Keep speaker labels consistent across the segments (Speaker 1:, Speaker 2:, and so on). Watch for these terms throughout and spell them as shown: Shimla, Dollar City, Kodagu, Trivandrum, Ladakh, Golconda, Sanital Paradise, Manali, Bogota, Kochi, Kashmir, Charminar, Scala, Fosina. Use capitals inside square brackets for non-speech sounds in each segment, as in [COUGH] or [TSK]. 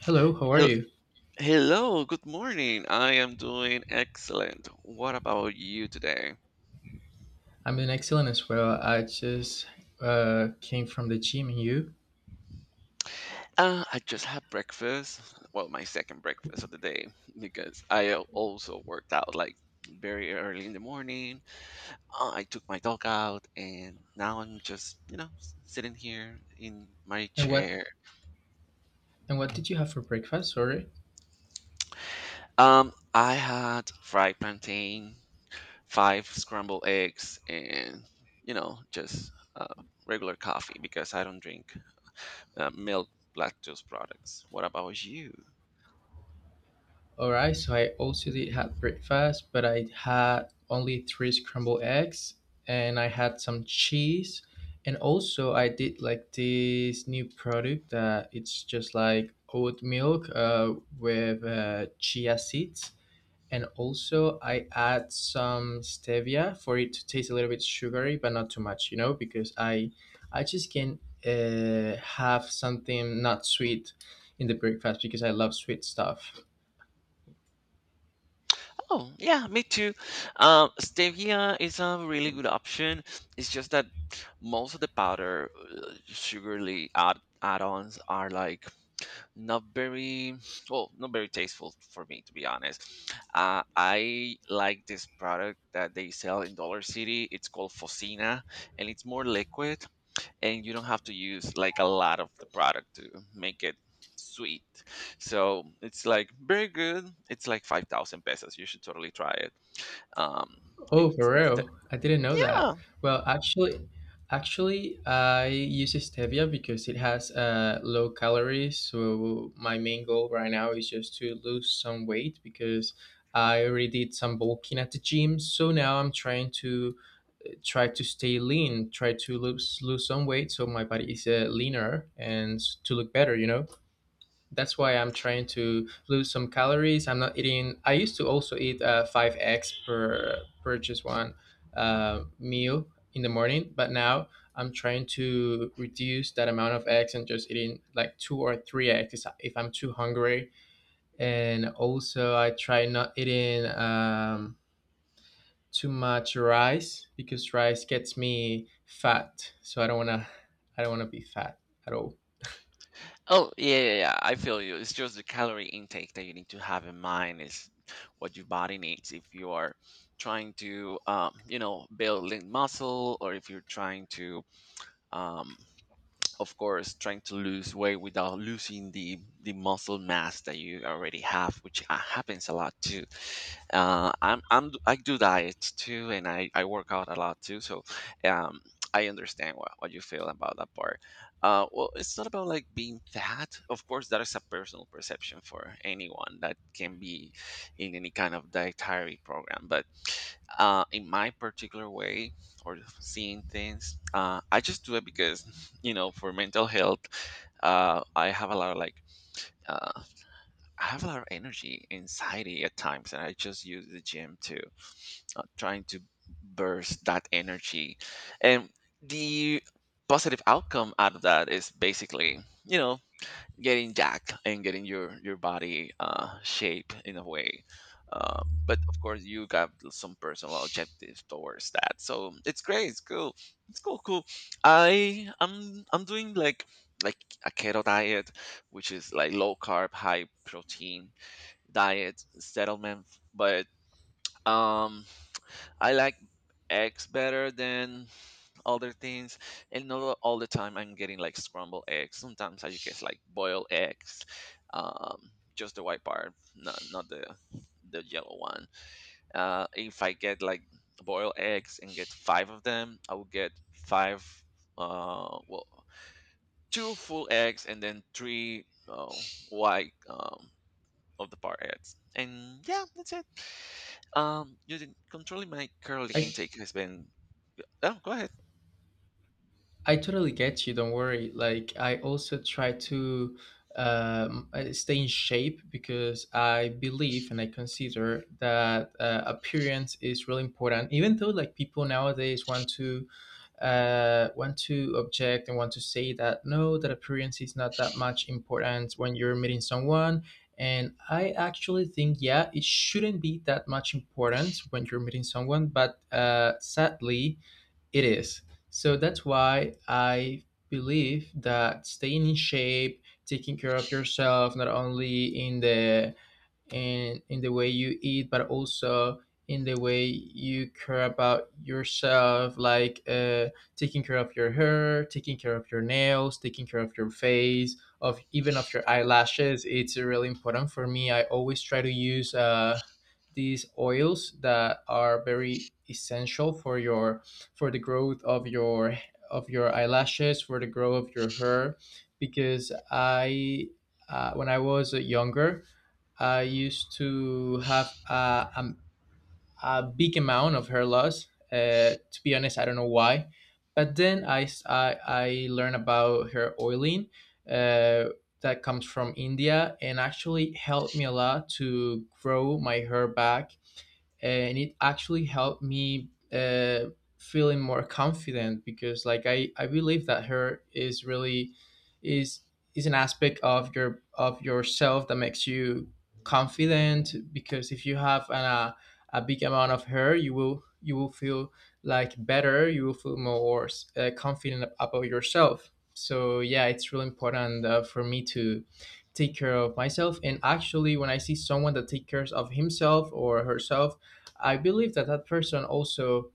Speaker 1: Hello, how are
Speaker 2: Hel-
Speaker 1: you?
Speaker 2: Hello, good morning. I am doing excellent. What about you today?
Speaker 1: I'm doing excellent as well. I just came from the gym. And you?
Speaker 2: I just had breakfast. Well, my second breakfast of the day because I also worked out like very early in the morning. I took my dog out and now I'm just, sitting here in my
Speaker 1: And what?
Speaker 2: chair.
Speaker 1: And what did you have for breakfast? Sorry.
Speaker 2: I had fried plantain, five scrambled eggs, and, you know, just uh, regular coffee because I don't drink milk lactose products. What about you?
Speaker 1: All right. So I also did have breakfast, but I had only three scrambled eggs, and I had some cheese, and also I did like this new product that it's just like oat milk with chia seeds. And also, I add some stevia for it to taste a little bit sugary, but not too much, you know, because I just can have something not sweet in the breakfast because I love sweet stuff.
Speaker 2: Oh, yeah, me too. Stevia is a really good option. It's just that most of the powder sugarly add-ons are like not very well, not very tasteful, for me to be honest. I like this product that they sell in Dollar City. It's called Fosina, and it's more liquid, and you don't have to use like a lot of the product to make it sweet. So it's like very good. It's like 5,000 pesos. You should totally try it. Um,
Speaker 1: Oh, for
Speaker 2: Instead,
Speaker 1: real? I didn't know that.
Speaker 2: yeah.
Speaker 1: Well, actually, actually, I use stevia because it has low calories. So my main goal right now is just to lose some weight because I already did some bulking at the gym. So now I'm trying to try to stay lean, try to lose some weight so my body is leaner and to look better, you know. That's why I'm trying to lose some calories. I'm not eating. I used to also eat five eggs per just one meal in the morning, but now I'm trying to reduce that amount of eggs and just eating like two or three eggs if I'm too hungry. And also, I try not eating. Too much rice because rice gets me fat. So I don't wanna be fat at all.
Speaker 2: Oh yeah, yeah, yeah, I feel you. It's just the calorie intake that you need to have in mind is what your body needs if you are trying to, you know, build lean muscle, or if you're trying to, um, of course, trying to lose weight without losing the muscle mass that you already have, which happens a lot too. I do diets too, and I work out a lot too, so um I understand what you feel about that part. Well, it's not about like being fat. Of course, that is a personal perception for anyone that can be in any kind of dietary program. But in my particular way or seeing things, I just do it because, you know, for mental health, I have a lot of like, uh, I have a lot of energy anxiety at times, and I just use the gym to, trying to burst that energy, and the positive outcome out of that is basically, you know, getting jacked and getting your body shape in a way. uh, but of course you got some personal objectives towards that, so it's great, it's cool, it's cool. I'm doing like, a keto diet, which is like low carb, high protein diet settlement. But um I like eggs better than other things, and not all the time I'm getting like scrambled eggs. Sometimes I just get like boiled eggs, um just the white part, not the yellow one. Uh, if I get like boiled eggs and get five of them, I will get five, well, two full eggs and then three white of the part eggs, and yeah, that's it. Controlling my curly
Speaker 1: I
Speaker 2: intake has been, oh, go ahead.
Speaker 1: I totally get you. Don't worry. Like I also try to stay in shape because I believe and I consider that appearance is really important. Even though like people nowadays want to object and want to say that no, that appearance is not that much important when you're meeting someone. And I actually think, yeah, it shouldn't be that much important when you're meeting someone, but sadly, it is. So that's why I believe that staying in shape, taking care of yourself, not only in the and in the way you eat, but also in the way you care about yourself, like taking care of your hair, taking care of your nails, taking care of your face, of even of your eyelashes. It's really important for me. I always try to use these oils that are very essential for your for the growth of your eyelashes, for the growth of your hair, because I when I was younger I used to have a big amount of hair loss. To be honest, I don't know why. But then I learned about hair oiling uh, that comes from India and actually helped me a lot to grow my hair back and it actually helped me feeling more confident because like I believe that her is really is is an aspect of your of yourself that makes you confident because if you have a big amount of her you will feel like better you will feel more confident about yourself, so yeah, it's really important for me to take care of myself, and actually when I see someone that takes care of himself or herself, I believe that that person also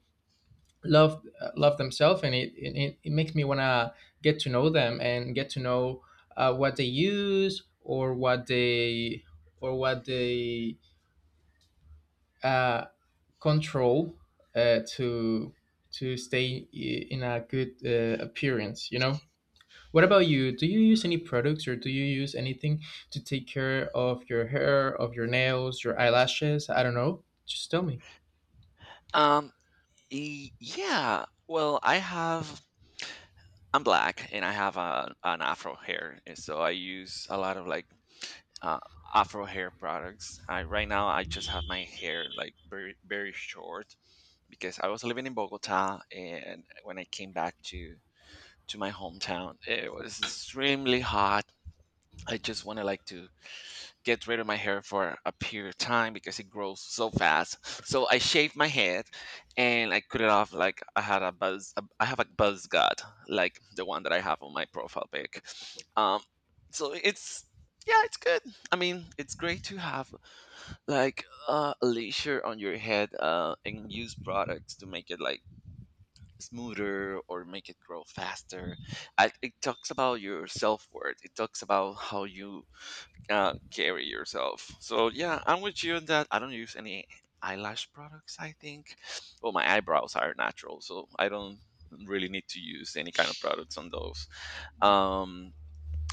Speaker 1: love love themselves, and it makes me wanna get to know them and get to know what they use or what they uh, control uh, to to stay in a good appearance. You know. What about you? Do you use any products or do you use anything to take care of your hair, of your nails, your eyelashes? I don't know. Just tell me.
Speaker 2: um yeah. Well, I have. I'm black and I have a, an afro hair, and so I use a lot of like, uh, afro hair products. I Right now I just have my hair like very very short because I was living in Bogota, and when I came back to my hometown it was extremely hot. I just wanted like to get rid of my hair for a period of time because it grows so fast. So I shaved my head and I cut it off like I had a buzz. I have a buzz cut like the one that I have on my profile pic. Um, so it's Yeah, it's good. I mean, it's great to have like a leisure on your head and use products to make it like smoother or make it grow faster. It talks about your self worth. It talks about how you carry yourself. So yeah, I'm with you in that. I don't use any eyelash products. I think, well, my eyebrows are natural, so I don't really need to use any kind of products on those. Um,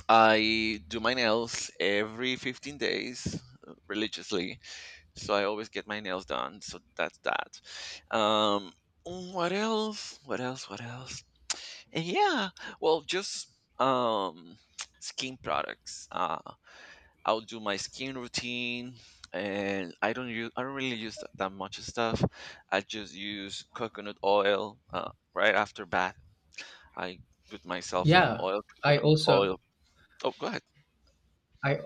Speaker 2: I do my nails every 15 days religiously, so I always get my nails done. So that's that. Um, what else? What else? What else? And yeah, well, just, um, [TSK] skin products. I'll do my skin routine, and I don't really use that much stuff. I just use coconut oil right after bath. I put myself on
Speaker 1: Yeah,
Speaker 2: oil
Speaker 1: I
Speaker 2: coconut
Speaker 1: also
Speaker 2: oil. Oh, go ahead.
Speaker 1: I I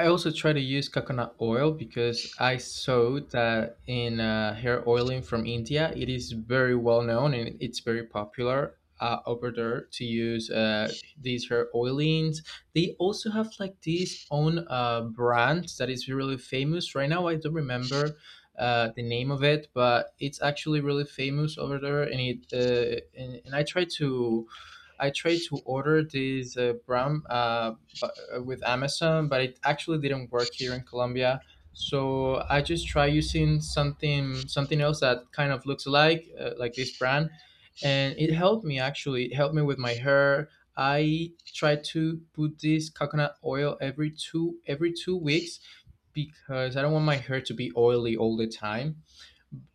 Speaker 1: I also try to use coconut oil because I saw that in hair oiling from India, it is very well known and it's very popular over there to use these hair oilings. They also have like these own brand that is really famous right now. I don't remember. The name of it, but it's actually really famous over there, and I try to I tried to order this bu- with Amazon, but it actually didn't work here in Colombia. So I just try using something else that kind of looks like this brand, and it helped me actually. It helped me with my hair. I try to put this coconut oil every 2 weeks because I don't want my hair to be oily all the time,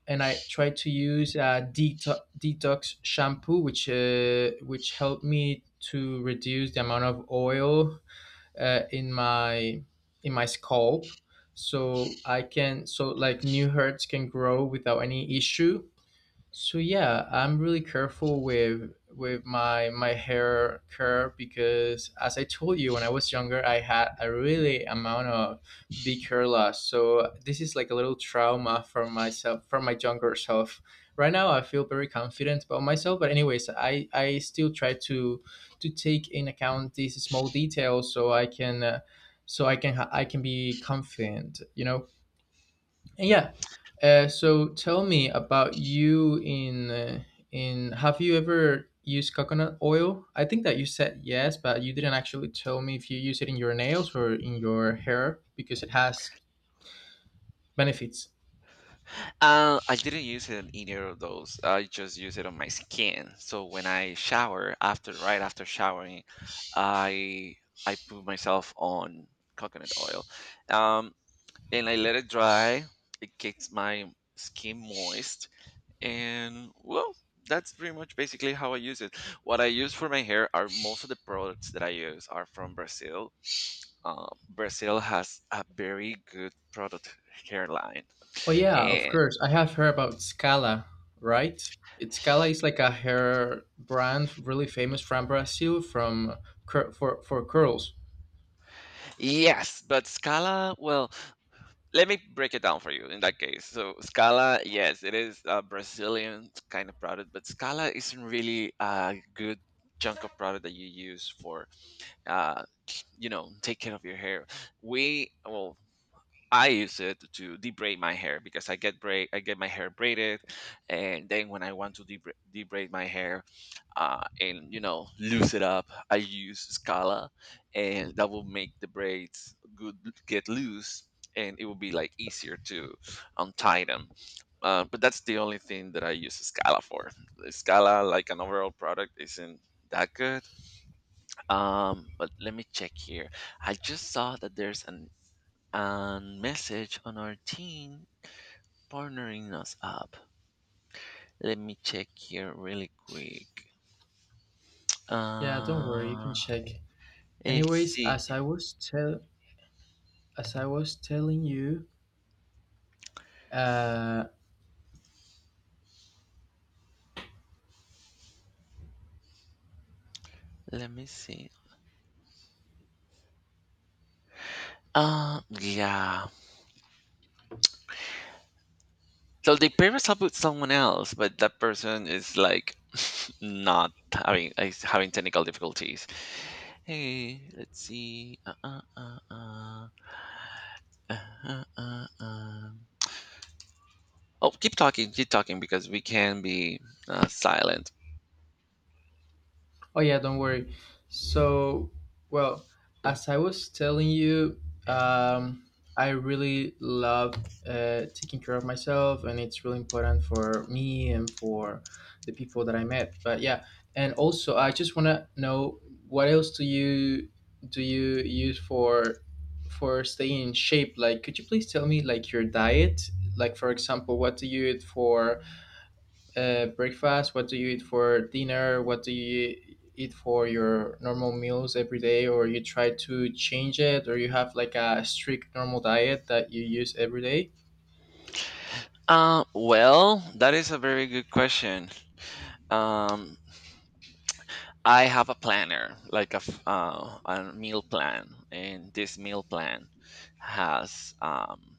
Speaker 1: and I tried to use a detox shampoo, which helped me to reduce the amount of oil uh, in my in my scalp, so I can so like new hairs can grow without any issue. So yeah, I'm really careful with my hair care because as I told you when I was younger, I had a really amount of big hair loss. So this is like a little trauma for myself for my younger self. Right now, I feel very confident about myself. But anyways, I still try to take in account these small details so I can. So I can I can be confident, you know, yeah. So tell me about you in have you ever used coconut oil? I think that you said yes, but you didn't actually tell me if you use it in your nails or in your hair because it has benefits.
Speaker 2: I didn't use it in either of those. I just use it on my skin. So when I shower, after right after showering, I I put myself on coconut oil, um, and I let it dry. It gets my skin moist, and well, that's pretty much basically how I use it. What I use for my hair, are most of the products that I use are from Brazil. Brazil has a very good product hairline,
Speaker 1: Oh yeah, of
Speaker 2: and
Speaker 1: course. I have heard about Scala, right? It's Scala is like a hair brand really famous from Brazil for curls.
Speaker 2: yes, but Scala, well, let me break it down for you. In that case, so Scala, yes, it is a Brazilian kind of product, but Scala isn't really a good chunk of product that you use for, uh, you know, take care of your hair. We Well, I use it to debraid my hair, because I get braid, I get my hair braided, and then when I want to debraid my hair, and, you know, loose it up, I use Scala, and that will make the braids good get loose, and it will be like easier to untie them. But that's the only thing that I use Scala for. Scala, like an overall product, isn't that good. But let me check here. I just saw that there's an and message on our team partnering us up. Let me check here really quick.
Speaker 1: Yeah, don't worry, you
Speaker 2: Uh,
Speaker 1: can check.
Speaker 2: let's
Speaker 1: Anyways,
Speaker 2: see.
Speaker 1: as I was tell as I was telling you, Uh,
Speaker 2: Let me see. Yeah. So they pair us up with someone else, but that person is like [LAUGHS] not having is having technical difficulties. Hey, let's see. Uh, uh, uh, uh. Oh, keep talking, because we can be silent.
Speaker 1: oh yeah, don't worry. So, well, as I was telling you, um, I really love taking care of myself, and it's really important for me and for the people that I met. But yeah, and also I just wanna know what else do you use for staying in shape? Like, could you please tell me like your diet? Like, for example, what do you eat for? Breakfast? What do you eat for dinner? What do you eat for your normal meals every day? Or you try to change it, or you have like a strict normal diet that you use every day?
Speaker 2: Well, that is a very good question. Um, I have a planner, like a, a meal plan, and this meal plan has um,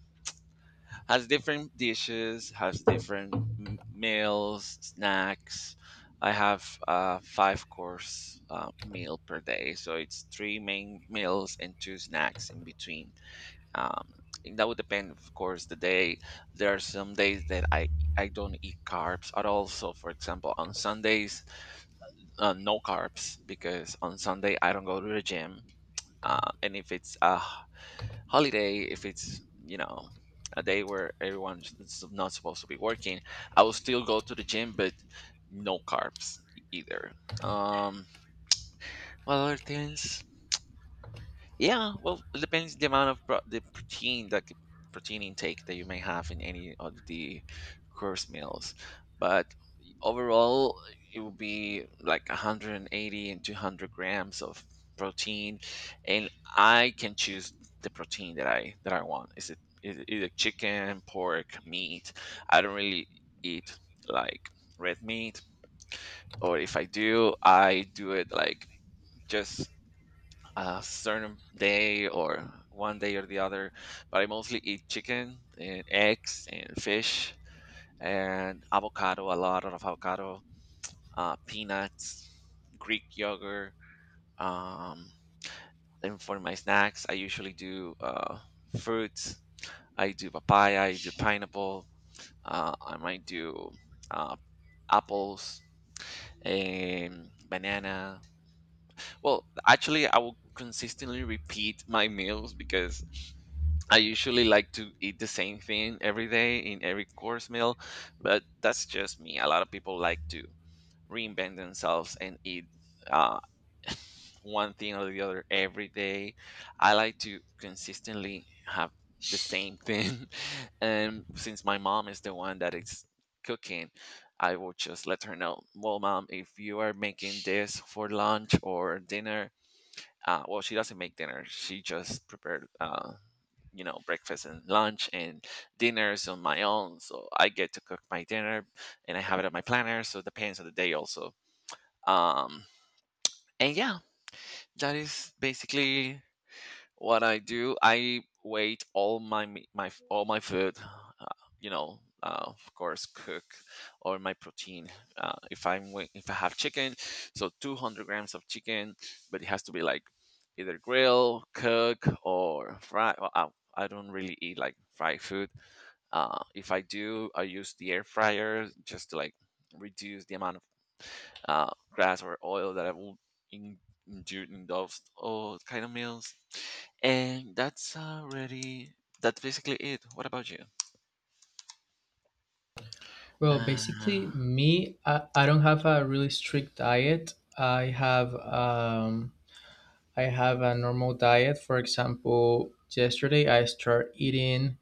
Speaker 2: has different dishes, has different meals, snacks. I have a five course meal per day, so it's three main meals and two snacks in between. um and that would depend, of course, the day. There are some days that I don't eat carbs at all, so for example on sundays, no carbs, because on sunday I don't go to the gym. Um, and if it's a holiday, if it's, you know, a day where everyone's is not supposed to be working, I will still go to the gym, but no carbs either. um what other things? Yeah, well, it depends the amount of pro- the protein protein intake that you may have in any of the course meals, but overall it will be like 180 and 200 grams of protein, and I can choose the protein that I want. Is it either chicken, pork, meat? I don't really eat like red meat, or if I do, I do it like just a certain day or one day or the other, but I mostly eat chicken and eggs and fish and avocado, a lot of avocado, peanuts, Greek yogurt. Um, and for my snacks, I usually do fruits. I do papaya, I do pineapple, I might do uh, apples and banana. Well, actually, I will consistently repeat my meals because I usually like to eat the same thing every day in every course meal, but that's just me. A lot of people like to reinvent themselves and eat uh, one thing or the other every day. I like to consistently have the same thing. [LAUGHS] And since my mom is the one that is cooking, I will just let her know, well, mom, if you are making this for lunch or dinner, well, she doesn't make dinner, she just prepared, you know, breakfast and lunch, and dinners on my own, so I get to cook my dinner, and I have it on my planner, so it depends on the day also. um, and yeah, that is basically what I do. I wait all my all my food. Uh, of course, cook or my protein. If I have chicken, so 200 grams of chicken, but it has to be like either grill, cook, or fry. I don't really eat like fried food. If I do, I use the air fryer just to like reduce the amount of grass or oil that I will in, endure in those oh kind of meals. And that's basically it. What about you?
Speaker 1: Well,
Speaker 2: Uh,
Speaker 1: basically, me, I don't have a really strict diet. I have a normal diet. For example, yesterday I start eating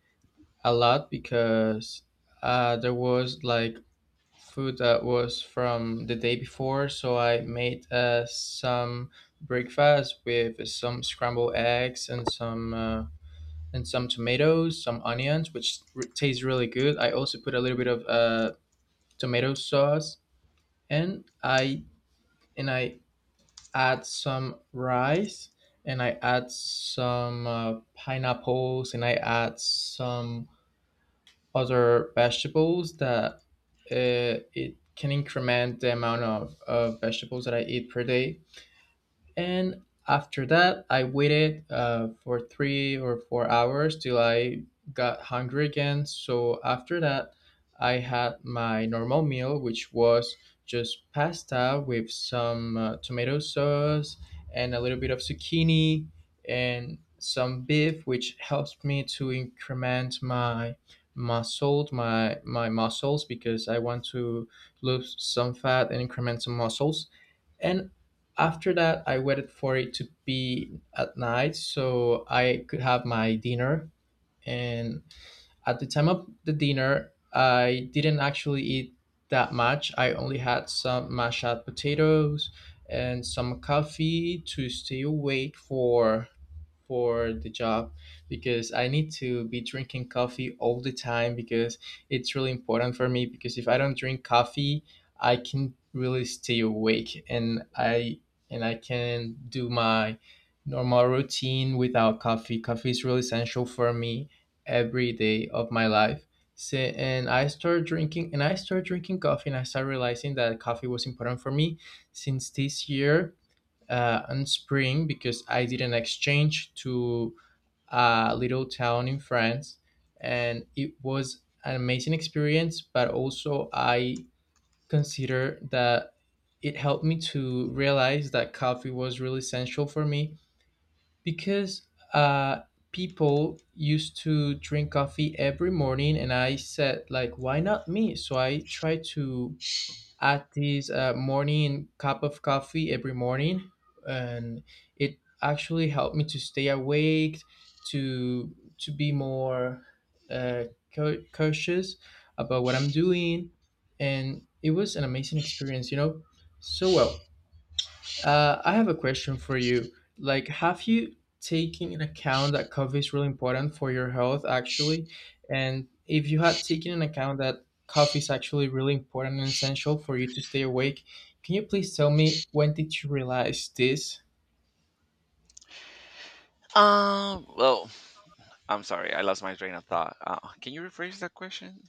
Speaker 1: a lot because there was like food that was from the day before, so I made some breakfast with some scrambled eggs and some tomatoes, some onions, which tastes really good. I also put a little bit of tomato sauce, and I add some rice, and I add some pineapples, and I add some other vegetables that it can increment the amount of vegetables that I eat per day. And after that, I waited for 3 or 4 hours till I got hungry again. So after that, I had my normal meal, which was just pasta with some tomato sauce and a little bit of zucchini and some beef, which helped me to increment my my my muscles, because I want to lose some fat and increment some muscles. And after that, I waited for it to be at night so I could have my dinner. And at the time of the dinner, I didn't actually eat that much. I only had some mashed potatoes and some coffee to stay awake for the job because I need to be drinking coffee all the time because it's really important for me because if I don't drink coffee, I can really stay awake and I can do my normal routine without coffee. Coffee is really essential for me every day of my life. So, and I started drinking coffee, and I started realizing that coffee was important for me since this year in spring because I did an exchange to a little town in France, and it was an amazing experience. But also, I consider that it helped me to realize that coffee was really essential for me because uh, people used to drink coffee every morning, and I said, like, why not me? So I tried to add this morning cup of coffee every morning, and it actually helped me to stay awake, to to be more uh, cautious about what I'm doing, and it was an amazing experience, you know. So well, I have a question for you. Like, have you taken in account that coffee is really important for your health, actually? And if you had taken in account that coffee is actually really important and essential for you to stay awake, can you please tell me when did you realize this?
Speaker 2: Well, I'm sorry. I lost my train of thought. Can you rephrase that question?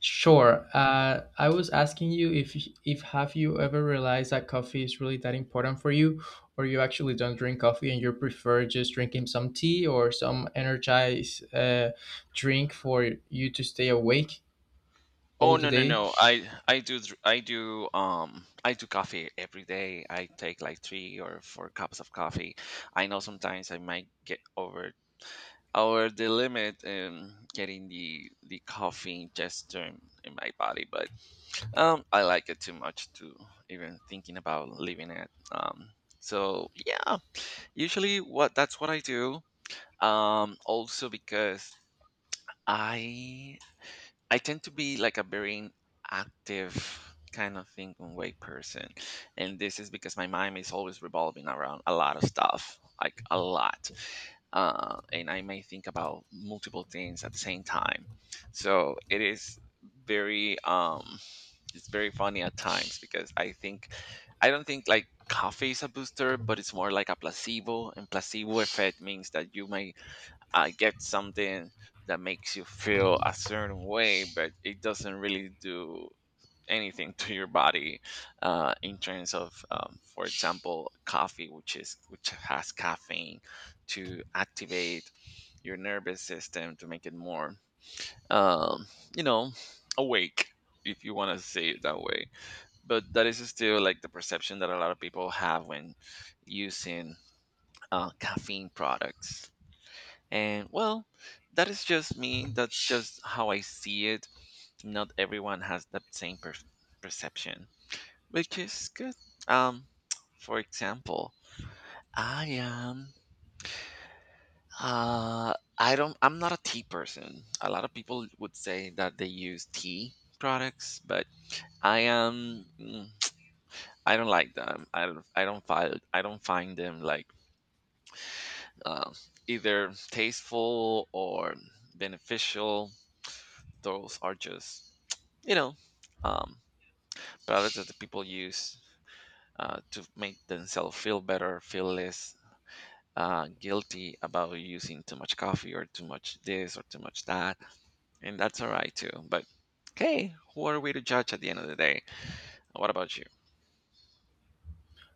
Speaker 1: Sure. I was asking you if have you ever realized that coffee is really that important for you, or you actually don't drink coffee and you prefer just drinking some tea or some energized drink for you to stay awake
Speaker 2: Oh,
Speaker 1: all the
Speaker 2: no, no,
Speaker 1: day.
Speaker 2: no. I do dr- I do coffee every day. I take like three or four cups of coffee. I know sometimes I might get over the limit in getting the coffee gesture in my body, but I like it too much to even thinking about leaving it. So yeah, usually what that's what I do. Also because i I tend to be like a very active kind of thinking way person. And this is because my mind is always revolving around a lot of stuff, like a lot. And I may think about multiple things at the same time. So it is very, um, it's very funny at times because I don't think like coffee is a booster, but it's more like a placebo. And placebo effect means that you may I get something that makes you feel a certain way, but it doesn't really do anything [LAUGHS] to your body in terms of, for example, coffee, which has caffeine to activate your nervous system to make it more, um, you know, awake, if you want to say it that way. But that is still like the perception that a lot of people have when using caffeine products. And well, that is just me. That's just how I see it. Not everyone has that same perception, which is good. Um, for example, I am. I don't. I'm not a tea person. A lot of people would say that they use tea products, but I am. mm, [TSK] I don't like them. I don't find them like um either tasteful or beneficial. Those are just you know um, products that the people use to make themselves feel better, feel less guilty about using too much coffee or too much this or too much that. And that's all right too, but okay, who are we to judge at the end of the day? What about you?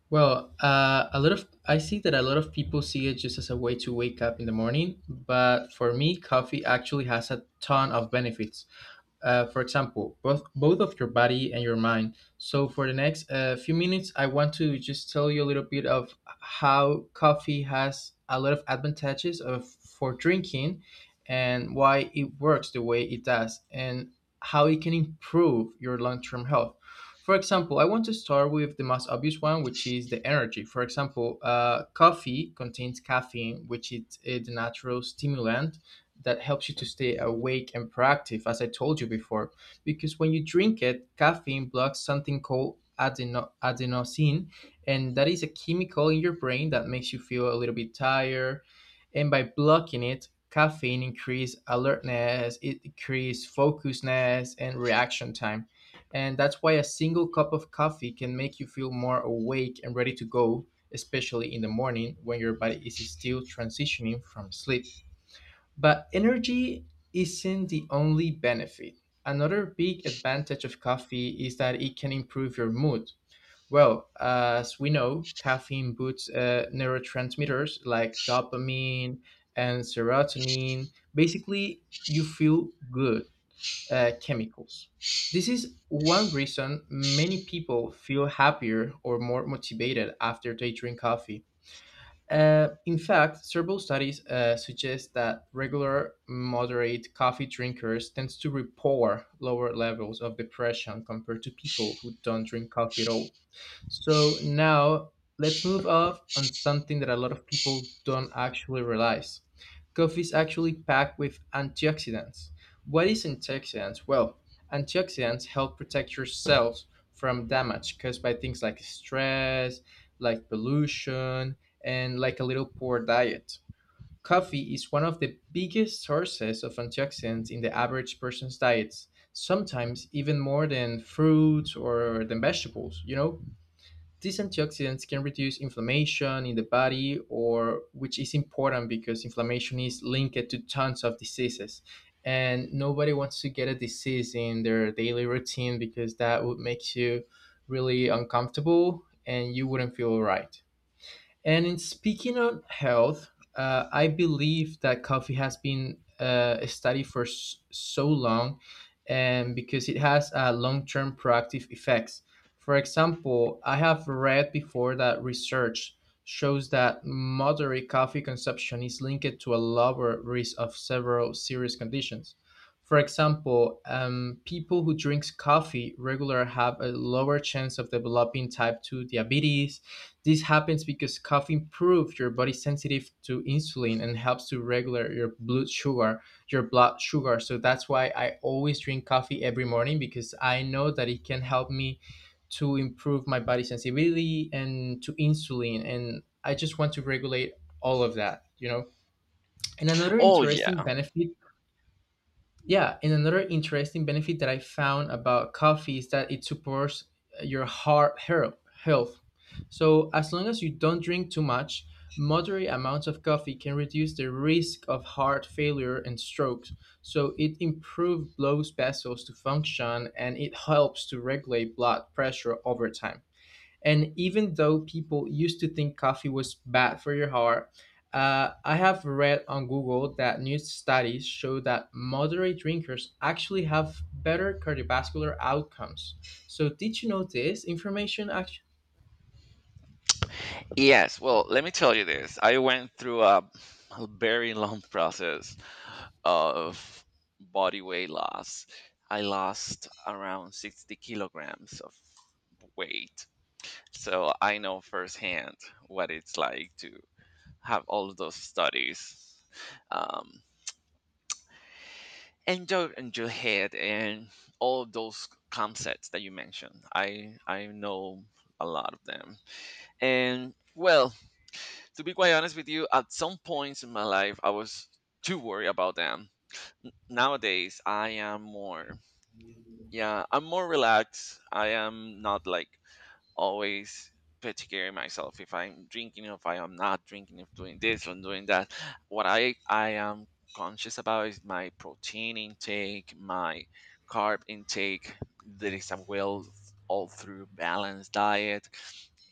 Speaker 1: Well, a lot of I see that a lot of people see it just as a way to wake up in the morning, but for me, coffee actually has a ton of benefits. For example, both of your body and your mind. So, for the next few minutes, I want to just tell you a little bit of how coffee has a lot of advantages for drinking, and why it works the way it does, and how it can improve your long term health. For example, I want to start with the most obvious one, which is the energy. For example, coffee contains caffeine, which is a natural stimulant that helps you to stay awake and proactive, as I told you before. Because when you drink it, caffeine blocks something called adenosine, and that is a chemical in your brain that makes you feel a little bit tired. And by blocking it, caffeine increase alertness, it decrease focusness and reaction time. And that's why a single cup of coffee can make you feel more awake and ready to go, especially in the morning when your body is still transitioning from sleep. But energy isn't the only benefit. Another big advantage of coffee is that it can improve your mood. Well, as we know, caffeine boosts neurotransmitters like dopamine and serotonin. Basically, you feel good chemicals. This is one reason many people feel happier or more motivated after they drink coffee. In fact, several studies suggest that regular, moderate coffee drinkers tend to report lower levels of depression compared to people who don't drink coffee at all. So now let's move off on something that a lot of people don't actually realize. Coffee is actually packed with antioxidants. What is antioxidants? Well, antioxidants help protect your cells from damage caused by things like stress, like pollution, and like a little poor diet. Coffee is one of the biggest sources of antioxidants in the average person's diets, sometimes even more than fruits or than vegetables, you know? These antioxidants can reduce inflammation in the body, or which is important because inflammation is linked to tons of diseases. And nobody wants to get a disease in their daily routine because that would make you really uncomfortable and you wouldn't feel right. And in speaking on health, I believe that coffee has been studied for so long, and because it has long-term proactive effects. For example, I have read before that research shows that moderate coffee consumption is linked to a lower risk of several serious conditions. For example, people who drink coffee regular have a lower chance of developing type 2 diabetes. This happens because coffee improves your body's sensitive to insulin and helps to regulate your blood sugar, your blood sugar. So that's why I always drink coffee every morning because I know that it can help me to improve my body sensibility and to insulin, and I just want to regulate all of that. And another
Speaker 2: Oh, yeah.
Speaker 1: interesting benefit yeah, and another interesting benefit that I found about coffee is that it supports your heart health. So, as long as you don't drink too much, moderate amounts of coffee can reduce the risk of heart failure and strokes. So, it improves blood vessels to function and it helps to regulate blood pressure over time. And even though people used to think coffee was bad for your heart, I have read on Google that new studies show that moderate drinkers actually have better cardiovascular outcomes. So, did you know this information?
Speaker 2: Yes, well, let me tell you this. I went through a very [LAUGHS] long process of body weight loss. I lost around 60 kilograms of weight. So I know firsthand what it's like to have all those studies, um, and your head and all of those concepts that you mentioned. I know a lot of them. And well, to be quite honest with you, at some points in my life, I was too worried about them. Nowadays, I am more, yeah, I'm more relaxed. I am not like always particular myself if I'm drinking, if I am not drinking, if doing this, or doing that. What I am conscious about is my protein intake, my carb intake. There is a well all through balanced diet,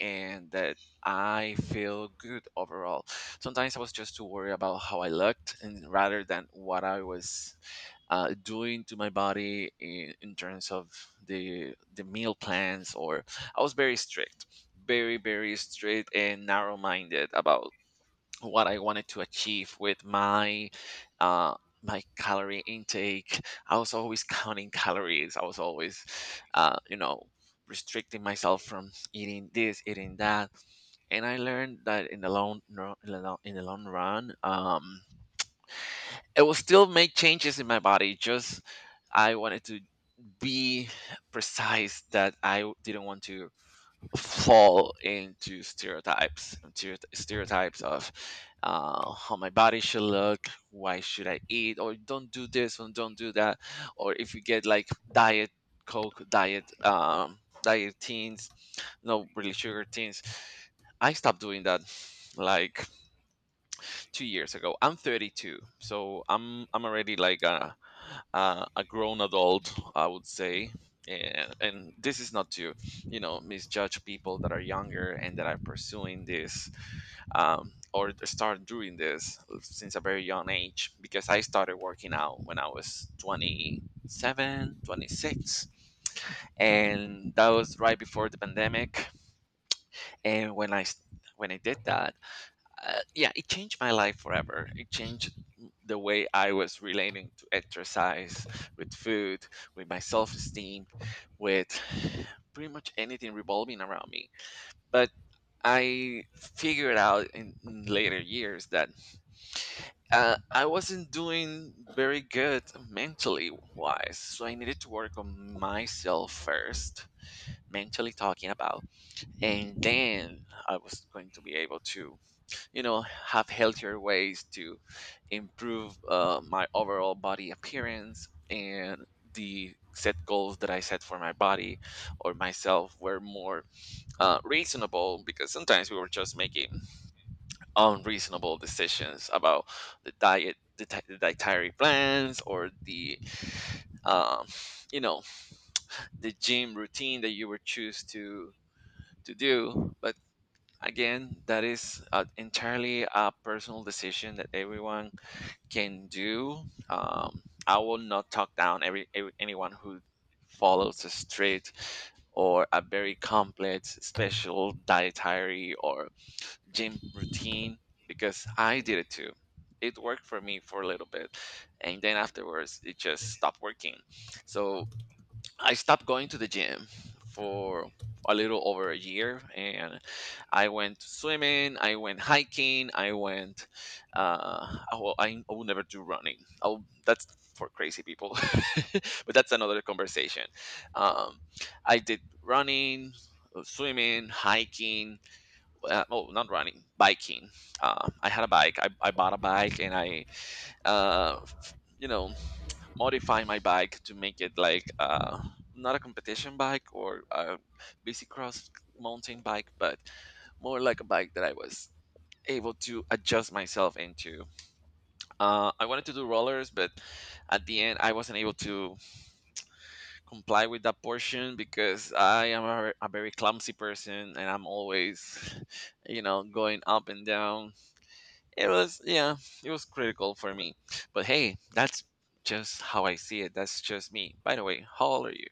Speaker 2: and that I feel good overall. Sometimes I was just too worried about how I looked and rather than what I was doing to my body in terms of the meal plans. Or I was very strict, very strict and narrow minded about what I wanted to achieve with my uh, my calorie intake. I was always counting calories. I was always, uh, you know restricting myself from eating this, eating that. And I learned that in the long no, in the long run, it will still make changes in my body. Just I wanted to be precise that didn't want to fall into stereotypes of, how my body should look, why should I eat or don't do this and don't do that, or if you get like diet coke, diet teens, no, really sugar teens. I stopped doing that like 2 years ago. I'm 32, so I'm already like a grown adult, I would say. And this is not to, you know, misjudge people that are younger and that are pursuing this, or start doing this since a very young age, because I started working out when I was 27, 26, and that was right before the pandemic. And when I did that, yeah, it changed my life forever. It changed the way I was relating to exercise, with food, with my self esteem, with pretty much anything revolving around me. But I figured out in later years that, I wasn't doing very good mentally wise. So I needed to work on myself first, mentally talking about, and then I was going to be able to, you know, have healthier ways to improve my overall body appearance. And the set goals that I set for my body or myself were more reasonable, because sometimes we were just making unreasonable decisions about the the dietary plans or the, um, you know the gym routine that you were choose to do. But again, that is entirely a personal decision that everyone can do. I will not talk down every anyone who follows a strict or a very complex special dietary or gym routine, because I did it too. It worked for me for a little bit, and then afterwards it just stopped working. So I stopped going to the gym for a little over a year, and I went swimming, I went hiking, I went uh oh, well, I will never do running. Oh, that's for crazy people. [LAUGHS] But that's another conversation. Um I did running, swimming, hiking, oh, not running, biking. I had a bike. I bought a bike and I uh f- you know modify my bike to make it like, not a competition bike or a busy cross mountain bike, but more like a bike that I was able to adjust myself into. I wanted to do rollers, but at the end, I wasn't able to comply with that portion, because I am a very clumsy person and I'm always, [LAUGHS] you know, going up and down. It was yeah, it was critical for me. But hey, that's just how I see it. That's just me. By the way, how old are you?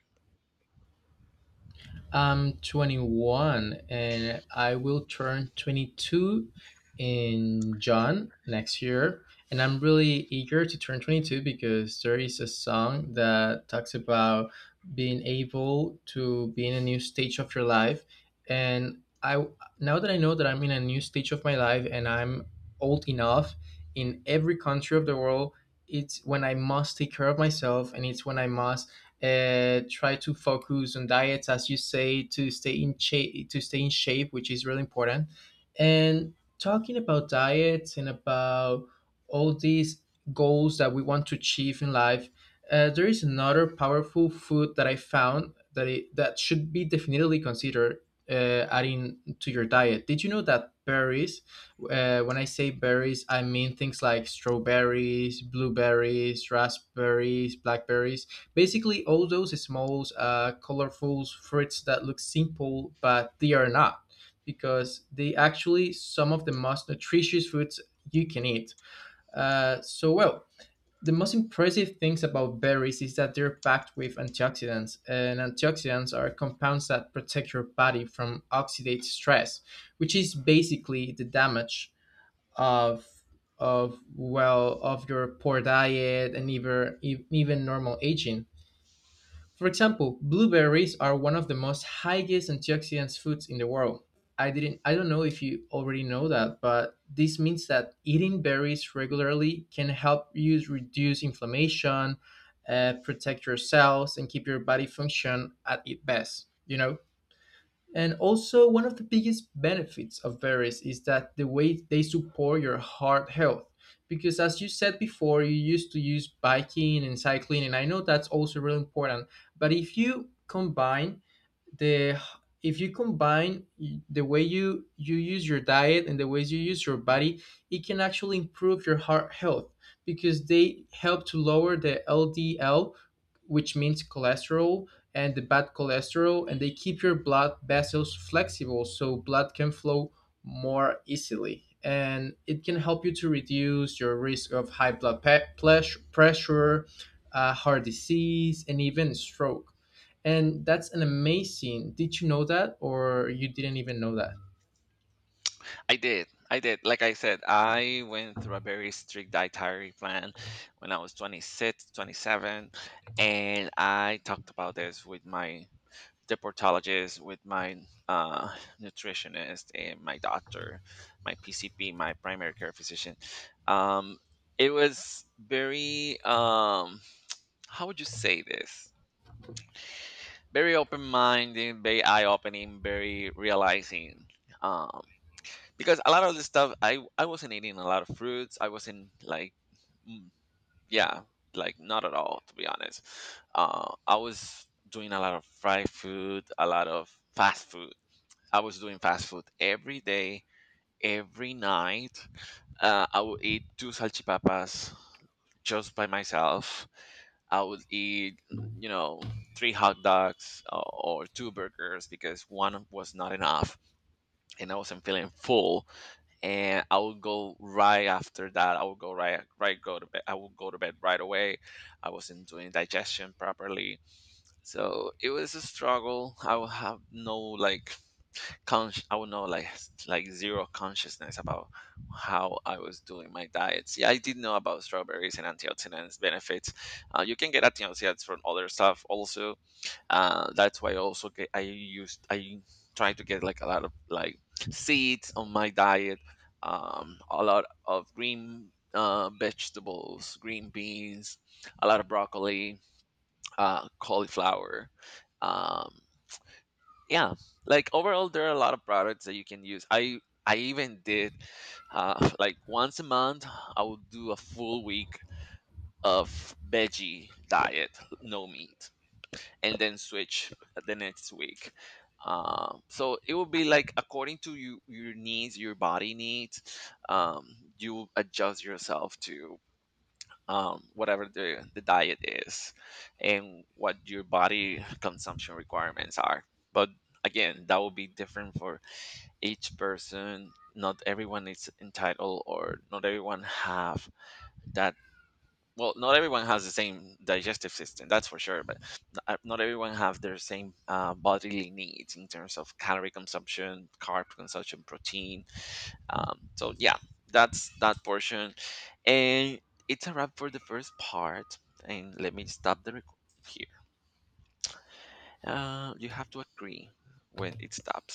Speaker 1: I'm 21 and I will turn 22 in John next year. And I'm really eager to turn 22 because there is a song that talks about being able to be in a new stage of your life. And I Now that I know that I'm in a new stage of my life, and I'm old enough in every country of the world, it's when I must take care of myself, and it's when I must try to focus on diets, as you say, to stay in shape, which is really important. And talking about diets and about all these goals that we want to achieve in life, there is another powerful food that I found that should be definitely considered adding to your diet. Did you know that berries, when I say berries I mean things like strawberries, blueberries, raspberries, blackberries? Basically, all those small, colorful fruits that look simple, but they are not, because they actually some of the most nutritious foods you can eat. So, well. The most impressive things about berries is that they're packed with antioxidants, and antioxidants are compounds that protect your body from oxidative stress, which is basically the damage of of, well, of your poor diet, and even normal aging. For example, blueberries are one of the most highest antioxidant foods in the world. I don't know if you already know that, but this means that eating berries regularly can help you reduce inflammation, protect your cells and keep your body function at its best, you know? And also, one of the biggest benefits of berries is that the way they support your heart health. Because as you said before, you used to use biking and cycling, and I know that's also really important. But if you combine the if you combine y- the way you use your diet and the ways you use your body, it can actually improve your heart health, because they help to lower the LDL, which means cholesterol and the bad cholesterol, and they keep your blood vessels flexible so blood can flow more easily, and it can help you to reduce your risk of high blood pressure, heart disease, and even stroke. And that's an amazing. Did you know that, or you didn't even know that?
Speaker 2: I did, like I said, I went through a very strict dietary plan when I was 26, 27, and I talked about this with my deportologist, with my, uh, nutritionist and my doctor, my pcp, my primary care physician. um, it was very, how would you say this, very open minded, very eye opening, very realizing. Um, because a lot of the stuff, I wasn't eating a lot of fruits. I wasn't like, mm, yeah, like not at all, to be honest. I was doing a lot of fried food, a lot of fast food. I was doing fast food every day, every night. I would eat two salchipapas just by myself. I would eat, you know, three hot dogs, or two burgers because one was not enough and I wasn't feeling full. And I would go right after that. I would go go to bed. I would go to bed right away. I wasn't doing digestion properly. So it was a struggle. I would have no like I would know like like zero consciousness about how I was doing my diets. Yeah, I did know about strawberries and antioxidants benefits. You can get antioxidants from other stuff also. That's why I also get I used I try to get like a lot of like seeds on my diet. A lot of green, vegetables, green beans, a lot of broccoli, cauliflower. Um, yeah like overall there are a lot of products that you can use. I even did, [LAUGHS] like once a month I would do a full week of veggie diet, no meat, and then switch the next week. So it will be like according to you, your needs, your body needs. um, you adjust yourself to, whatever the diet is and what your body consumption requirements are. But again, that will be different for each person. Not everyone is entitled or not everyone have that, well, not everyone has the same digestive system, that's for sure. But not everyone have their same bodily needs in terms of calorie consumption, carb consumption, protein. So yeah, that's that portion, and it's a wrap for the first part. And let me stop the record here. You have to agree when it stops.